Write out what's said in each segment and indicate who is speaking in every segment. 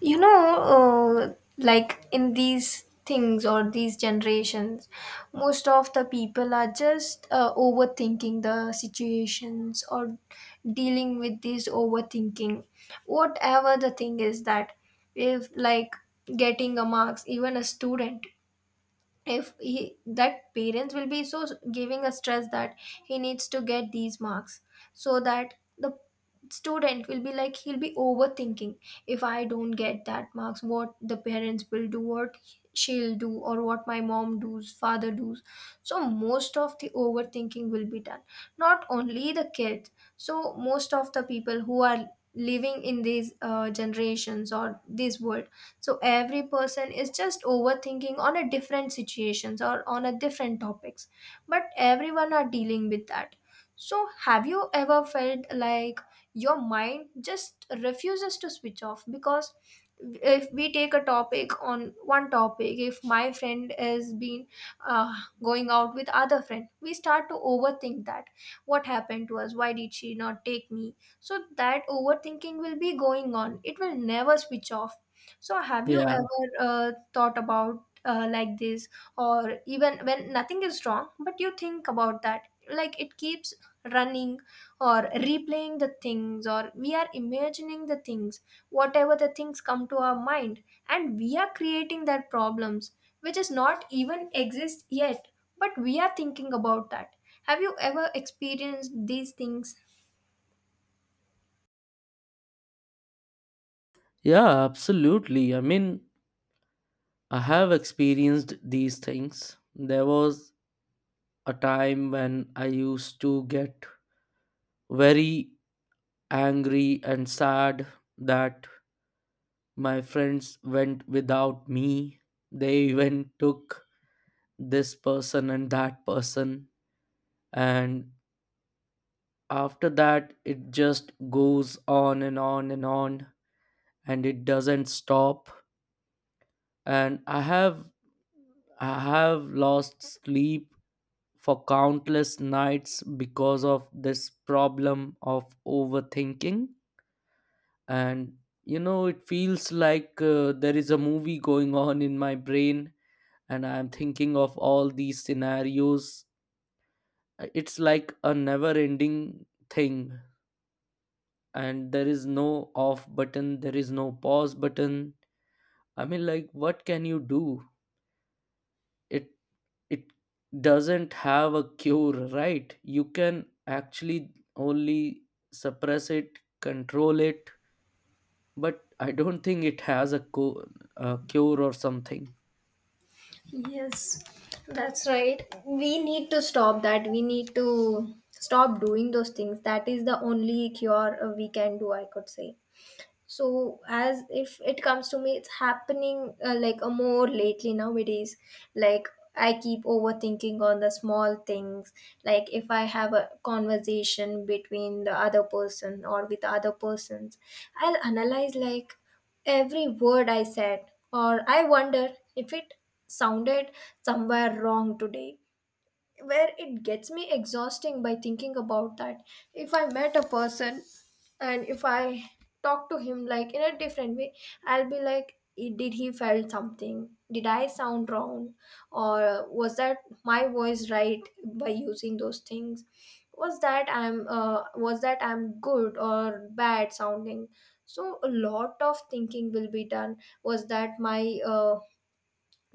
Speaker 1: Like in these things or these generations, most of the people are just overthinking the situations or dealing with this overthinking, whatever the thing is. That if like getting a marks, even a student, if he, that parents will be so giving a stress that he needs to get these marks, so that the student will be like he'll be overthinking. If I don't get that marks, what the parents will do, what she'll do, or what my mom does, father does. So most of the overthinking will be done, not only the kids. So most of the people who are living in these generations or this world, so every person is just overthinking on a different situations or on a different topics, but everyone are dealing with that. So have you ever felt like your mind just refuses to switch off? Because if we take a topic, on one topic, if my friend has been uh, going out with other friend, we start to overthink that. What happened to us? Why did she not take me? So that overthinking will be going on, it will never switch off. So, have you
Speaker 2: Yeah,
Speaker 1: ever thought about like this, or even when nothing is wrong, but you think about that? Like it keeps running or replaying the things, or we are imagining the things, whatever the things come to our mind, and we are creating that problems which is not even exist yet, but we are thinking about that. Have you ever experienced these things?
Speaker 2: yeah, absolutely. I mean, I have experienced these things. There was a time when I used to get very angry and sad that my friends went without me. They even took this person and that person. And after that, it just goes on and on and on, and it doesn't stop. And I have lost sleep for countless nights because of this problem of overthinking. And you know, it feels like there is a movie going on in my brain, and I'm thinking of all these scenarios. It's like a never ending thing, and there is no off button, there is no pause button. I mean, like, what can you do? It it doesn't have a cure, right? You can actually only suppress it, control it, but I don't think it has a cure or something.
Speaker 1: Yes, that's right. We need to stop that. We need to stop doing those things. That is the only cure we can do, I could say. So as if it comes to me, it's happening like a more lately nowadays. Like I keep overthinking on the small things. Like if I have a conversation between the other person or with other persons, I'll analyze like every word I said, or I wonder if it sounded somewhere wrong today, where it gets me exhausting by thinking about that. If I met a person and if I talk to him like in a different way, I'll be like, "I- did he felt something? Did I sound wrong or was that my voice right by using those things? Was that I'm was that I'm good or bad sounding?" So a lot of thinking will be done. Was that my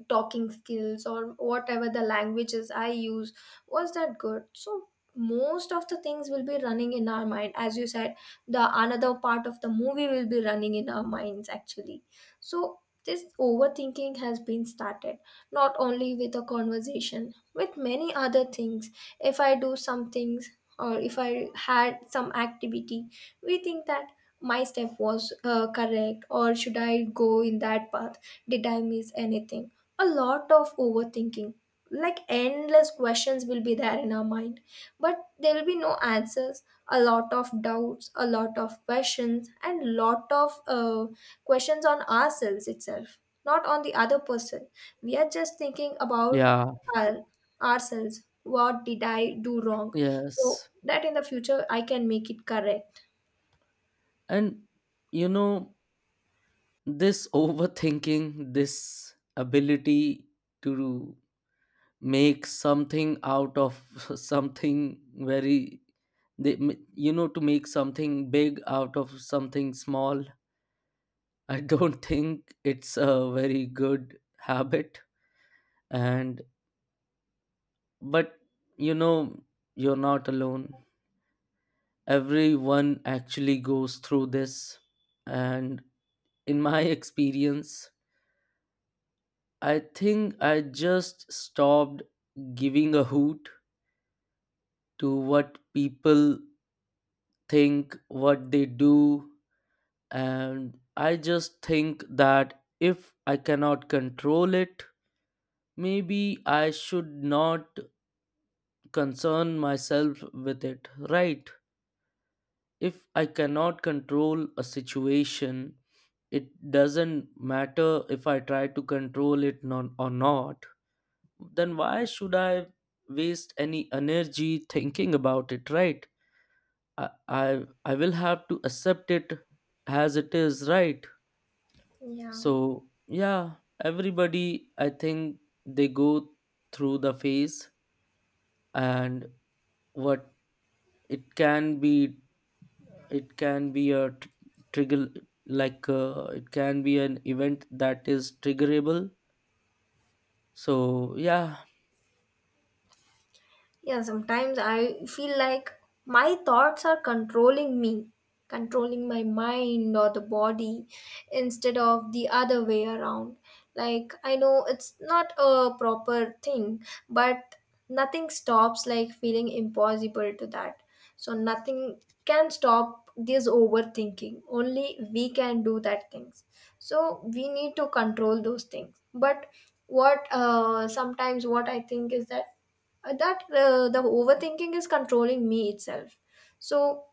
Speaker 1: talking skills or whatever the languages I use, was that good? So most of the things will be running in our mind. As you said, the another part of the movie will be running in our minds actually. So this overthinking has been started, not only with a conversation, with many other things. If I do some things or if I had some activity, we think that my step was correct, or should I go in that path, did I miss anything? A lot of overthinking, like endless questions will be there in our mind, but there will be no answers. A lot of doubts, a lot of questions, and lot of questions on ourselves itself, not on the other person. We are just thinking about
Speaker 2: Yeah,
Speaker 1: our, ourselves, what did I do wrong, so
Speaker 2: yes.
Speaker 1: that in the future I can make it correct.
Speaker 2: And you know, this overthinking, this ability to make something out of something very they, you know, to make something big out of something small, I don't think it's a very good habit. And but you know, you're not alone. Everyone actually goes through this, and in my experience, I think I just stopped giving a hoot to what people think, what they do. And I just think that if I cannot control it, maybe I should not concern myself with it, right? If I cannot control a situation, it doesn't matter if I try to control it non- or not, then why should I waste any energy thinking about it, right? I will have to accept it as it is, right?
Speaker 1: Yeah.
Speaker 2: So, yeah, everybody, I think they go through the phase. And what it can be, it can be a tr- trigger, like it can be an event that is triggerable. So yeah.
Speaker 1: Yeah, sometimes I feel like my thoughts are controlling me, controlling my mind or the body instead of the other way around. Like, I know it's not a proper thing, but nothing stops, like feeling impossible to that. So, nothing can stop this overthinking. Only we can do that things. So, we need to control those things. But what, sometimes what I think is that the overthinking is controlling me itself. So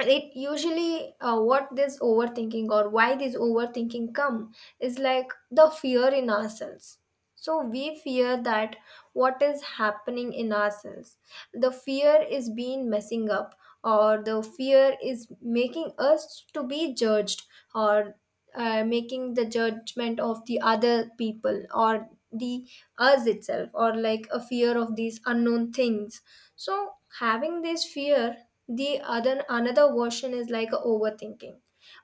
Speaker 1: it usually what this overthinking or why this overthinking come is like the fear in ourselves. So we fear that what is happening in ourselves. The fear is being messing up, or the fear is making us to be judged, or making the judgment of the other people, or the us itself, or like a fear of these unknown things. So having this fear, the other another version is like a overthinking.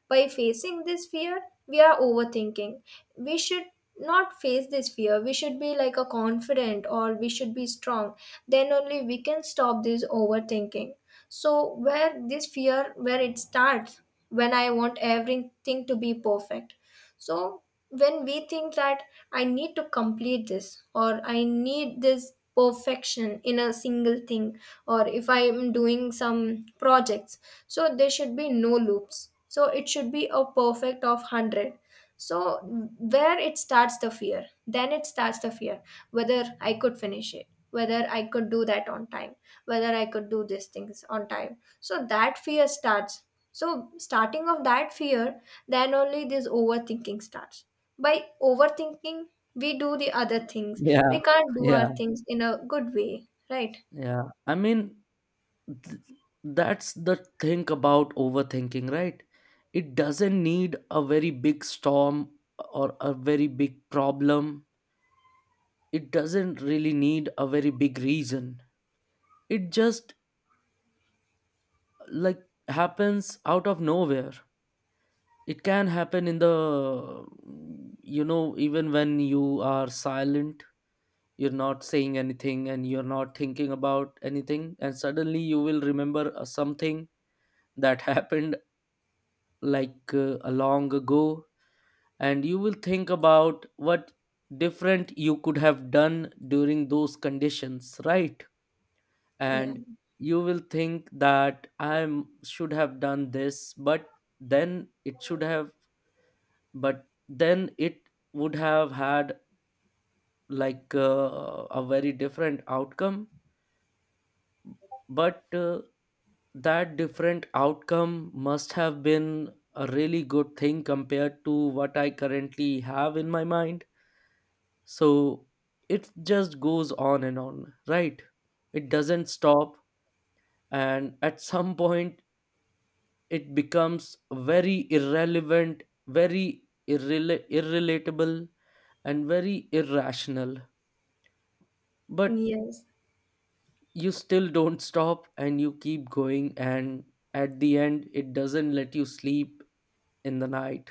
Speaker 1: By facing this fear, we are overthinking. We should not face this fear, we should be like a confident, or we should be strong. Then only we can stop this overthinking. So where this fear, where it starts? When I want everything to be perfect. So when we think that I need to complete this, or I need this perfection in a single thing, or if I am doing some projects, so there should be no loops. So it should be a perfect of 100. So where it starts the fear, then it starts the fear whether I could finish it, whether I could do that on time, whether I could do these things on time. So that fear starts. So starting of that fear, then only this overthinking starts. By overthinking, we do the other things. We
Speaker 2: Yeah.
Speaker 1: can't do our
Speaker 2: Yeah.
Speaker 1: things in a good way, right?
Speaker 2: Yeah, I mean, th- that's the thing about overthinking, right? It doesn't need a very big storm or a very big problem, it doesn't really need a very big reason. It just like happens out of nowhere. It can happen in the, you know, even when you are silent, you're not saying anything and you're not thinking about anything, and suddenly you will remember something that happened like a long ago, and you will think about what different you could have done during those conditions, right?
Speaker 1: Yeah.
Speaker 2: And you will think that I should have done this, but then it should have but then it would have had like a very different outcome. But that different outcome must have been a really good thing compared to what I currently have in my mind. So it just goes on and on, right? It doesn't stop. And at some point it becomes very irrelevant, irrelatable, and very irrational. But
Speaker 1: Yes.
Speaker 2: you still don't stop and you keep going, and at the end it doesn't let you sleep in the night.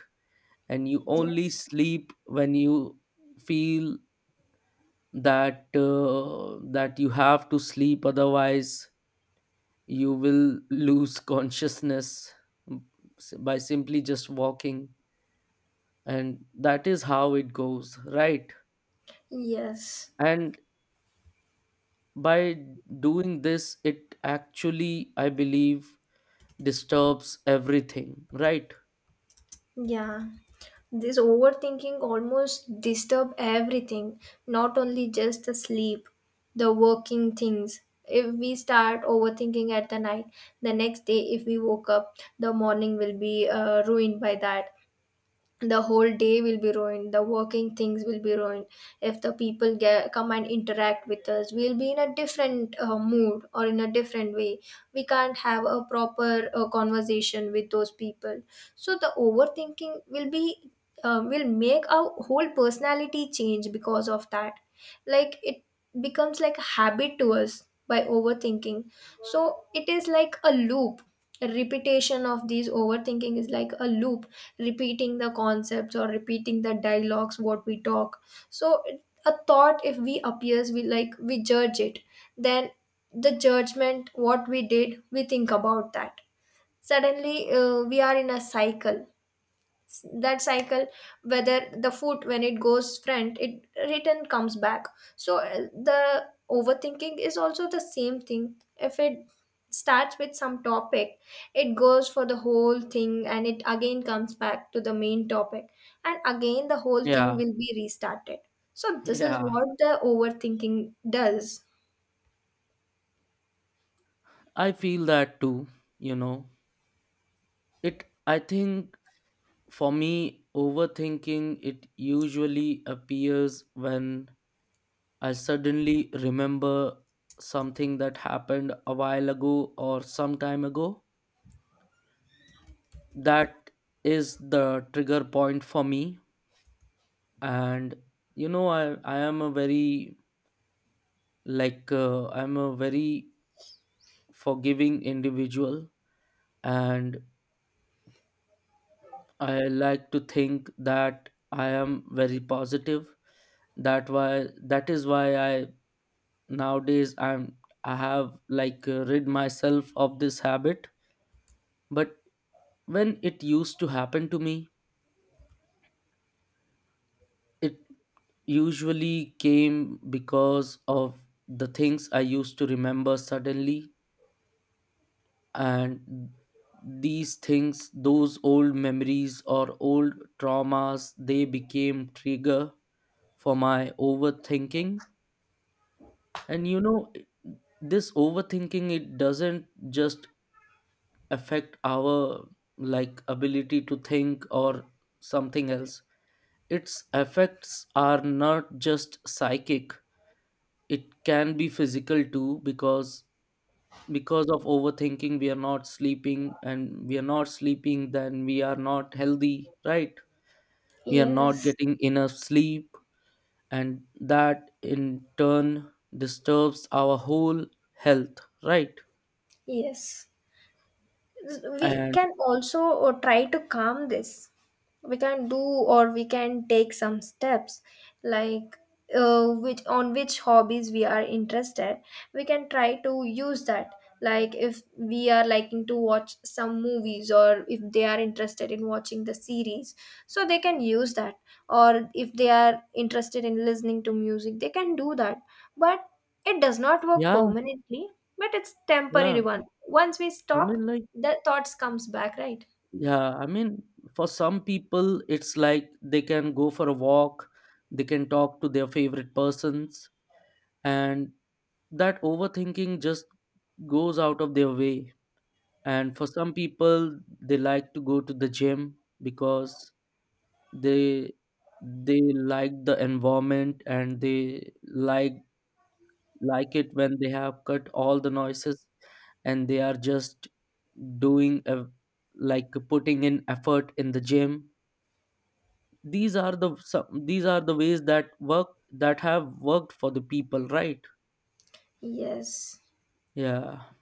Speaker 2: And you only
Speaker 1: Yes.
Speaker 2: sleep when you feel that you have to sleep, otherwise you will lose consciousness, m- by simply just walking. And that is how it goes, right?
Speaker 1: Yes.
Speaker 2: And by doing this, it actually, I believe, disturbs everything, right?
Speaker 1: Yeah, this overthinking almost disturb everything, not only just the sleep, the working things. If we start overthinking at the night, the next day if we woke up, the morning will be ruined by that. The whole day will be ruined, the working things will be ruined. If the people get, come and interact with us, we'll be in a different mood or in a different way. We can't have a proper conversation with those people. So the overthinking will be will make our whole personality change because of that. Like it becomes like a habit to us by overthinking. So it is like a loop. A repetition of these overthinking is like a loop, repeating the concepts or repeating the dialogues what we talk. So a thought if we appears, we like we judge it. Then the judgment what we did, we think about that. Suddenly we are in a cycle. That cycle, whether the foot, when it goes front, it return comes back. So the overthinking is also the same thing. If it starts with some topic, it goes for the whole thing, and it again comes back to the main topic, and again the whole thing
Speaker 2: Yeah,
Speaker 1: will be restarted. So this is
Speaker 2: yeah.
Speaker 1: what the overthinking does.
Speaker 2: I feel that too, you know. It, I think for me overthinking it usually appears when I suddenly remember something that happened a while ago or some time ago. That is the trigger point for me. And you know, I am a very like I'm a very forgiving individual. And I like to think that I am very positive. That is why I nowadays I have like rid myself of this habit. But when it used to happen to me, it usually came because of the things I used to remember suddenly. And these things, those old memories or old traumas, they became trigger for my overthinking. And you know, this overthinking, it doesn't just affect our like ability to think or something else. Its effects are not just psychic, it can be physical too. Because of overthinking we are not sleeping, and we are not sleeping then we are not healthy, right? We are not
Speaker 1: Yes.
Speaker 2: getting enough sleep, and that in turn disturbs our whole health, right?
Speaker 1: Yes, we
Speaker 2: And
Speaker 1: can also try to calm this. We can do, or we can take some steps. Like which hobbies we are interested, we can try to use that. Like if we are liking to watch some movies, or if they are interested in watching the series, so they can use that. Or if they are interested in listening to music, they can do that. But it does not work
Speaker 2: yeah,
Speaker 1: permanently. But it's
Speaker 2: yeah.
Speaker 1: temporary one. Once we
Speaker 2: I
Speaker 1: stop,
Speaker 2: mean, like,
Speaker 1: the thoughts comes back, right?
Speaker 2: yeah, I mean, for some people, it's like they can go for a walk, they can talk to their favorite persons, and that overthinking just goes out of their way. And for some people, they like to go to the gym because they they like the environment, and they like it when they have cut all the noises and they are just doing a, like putting in effort in the gym. These are these are the ways that work, that have worked for the people, right?
Speaker 1: Yes.
Speaker 2: Yeah.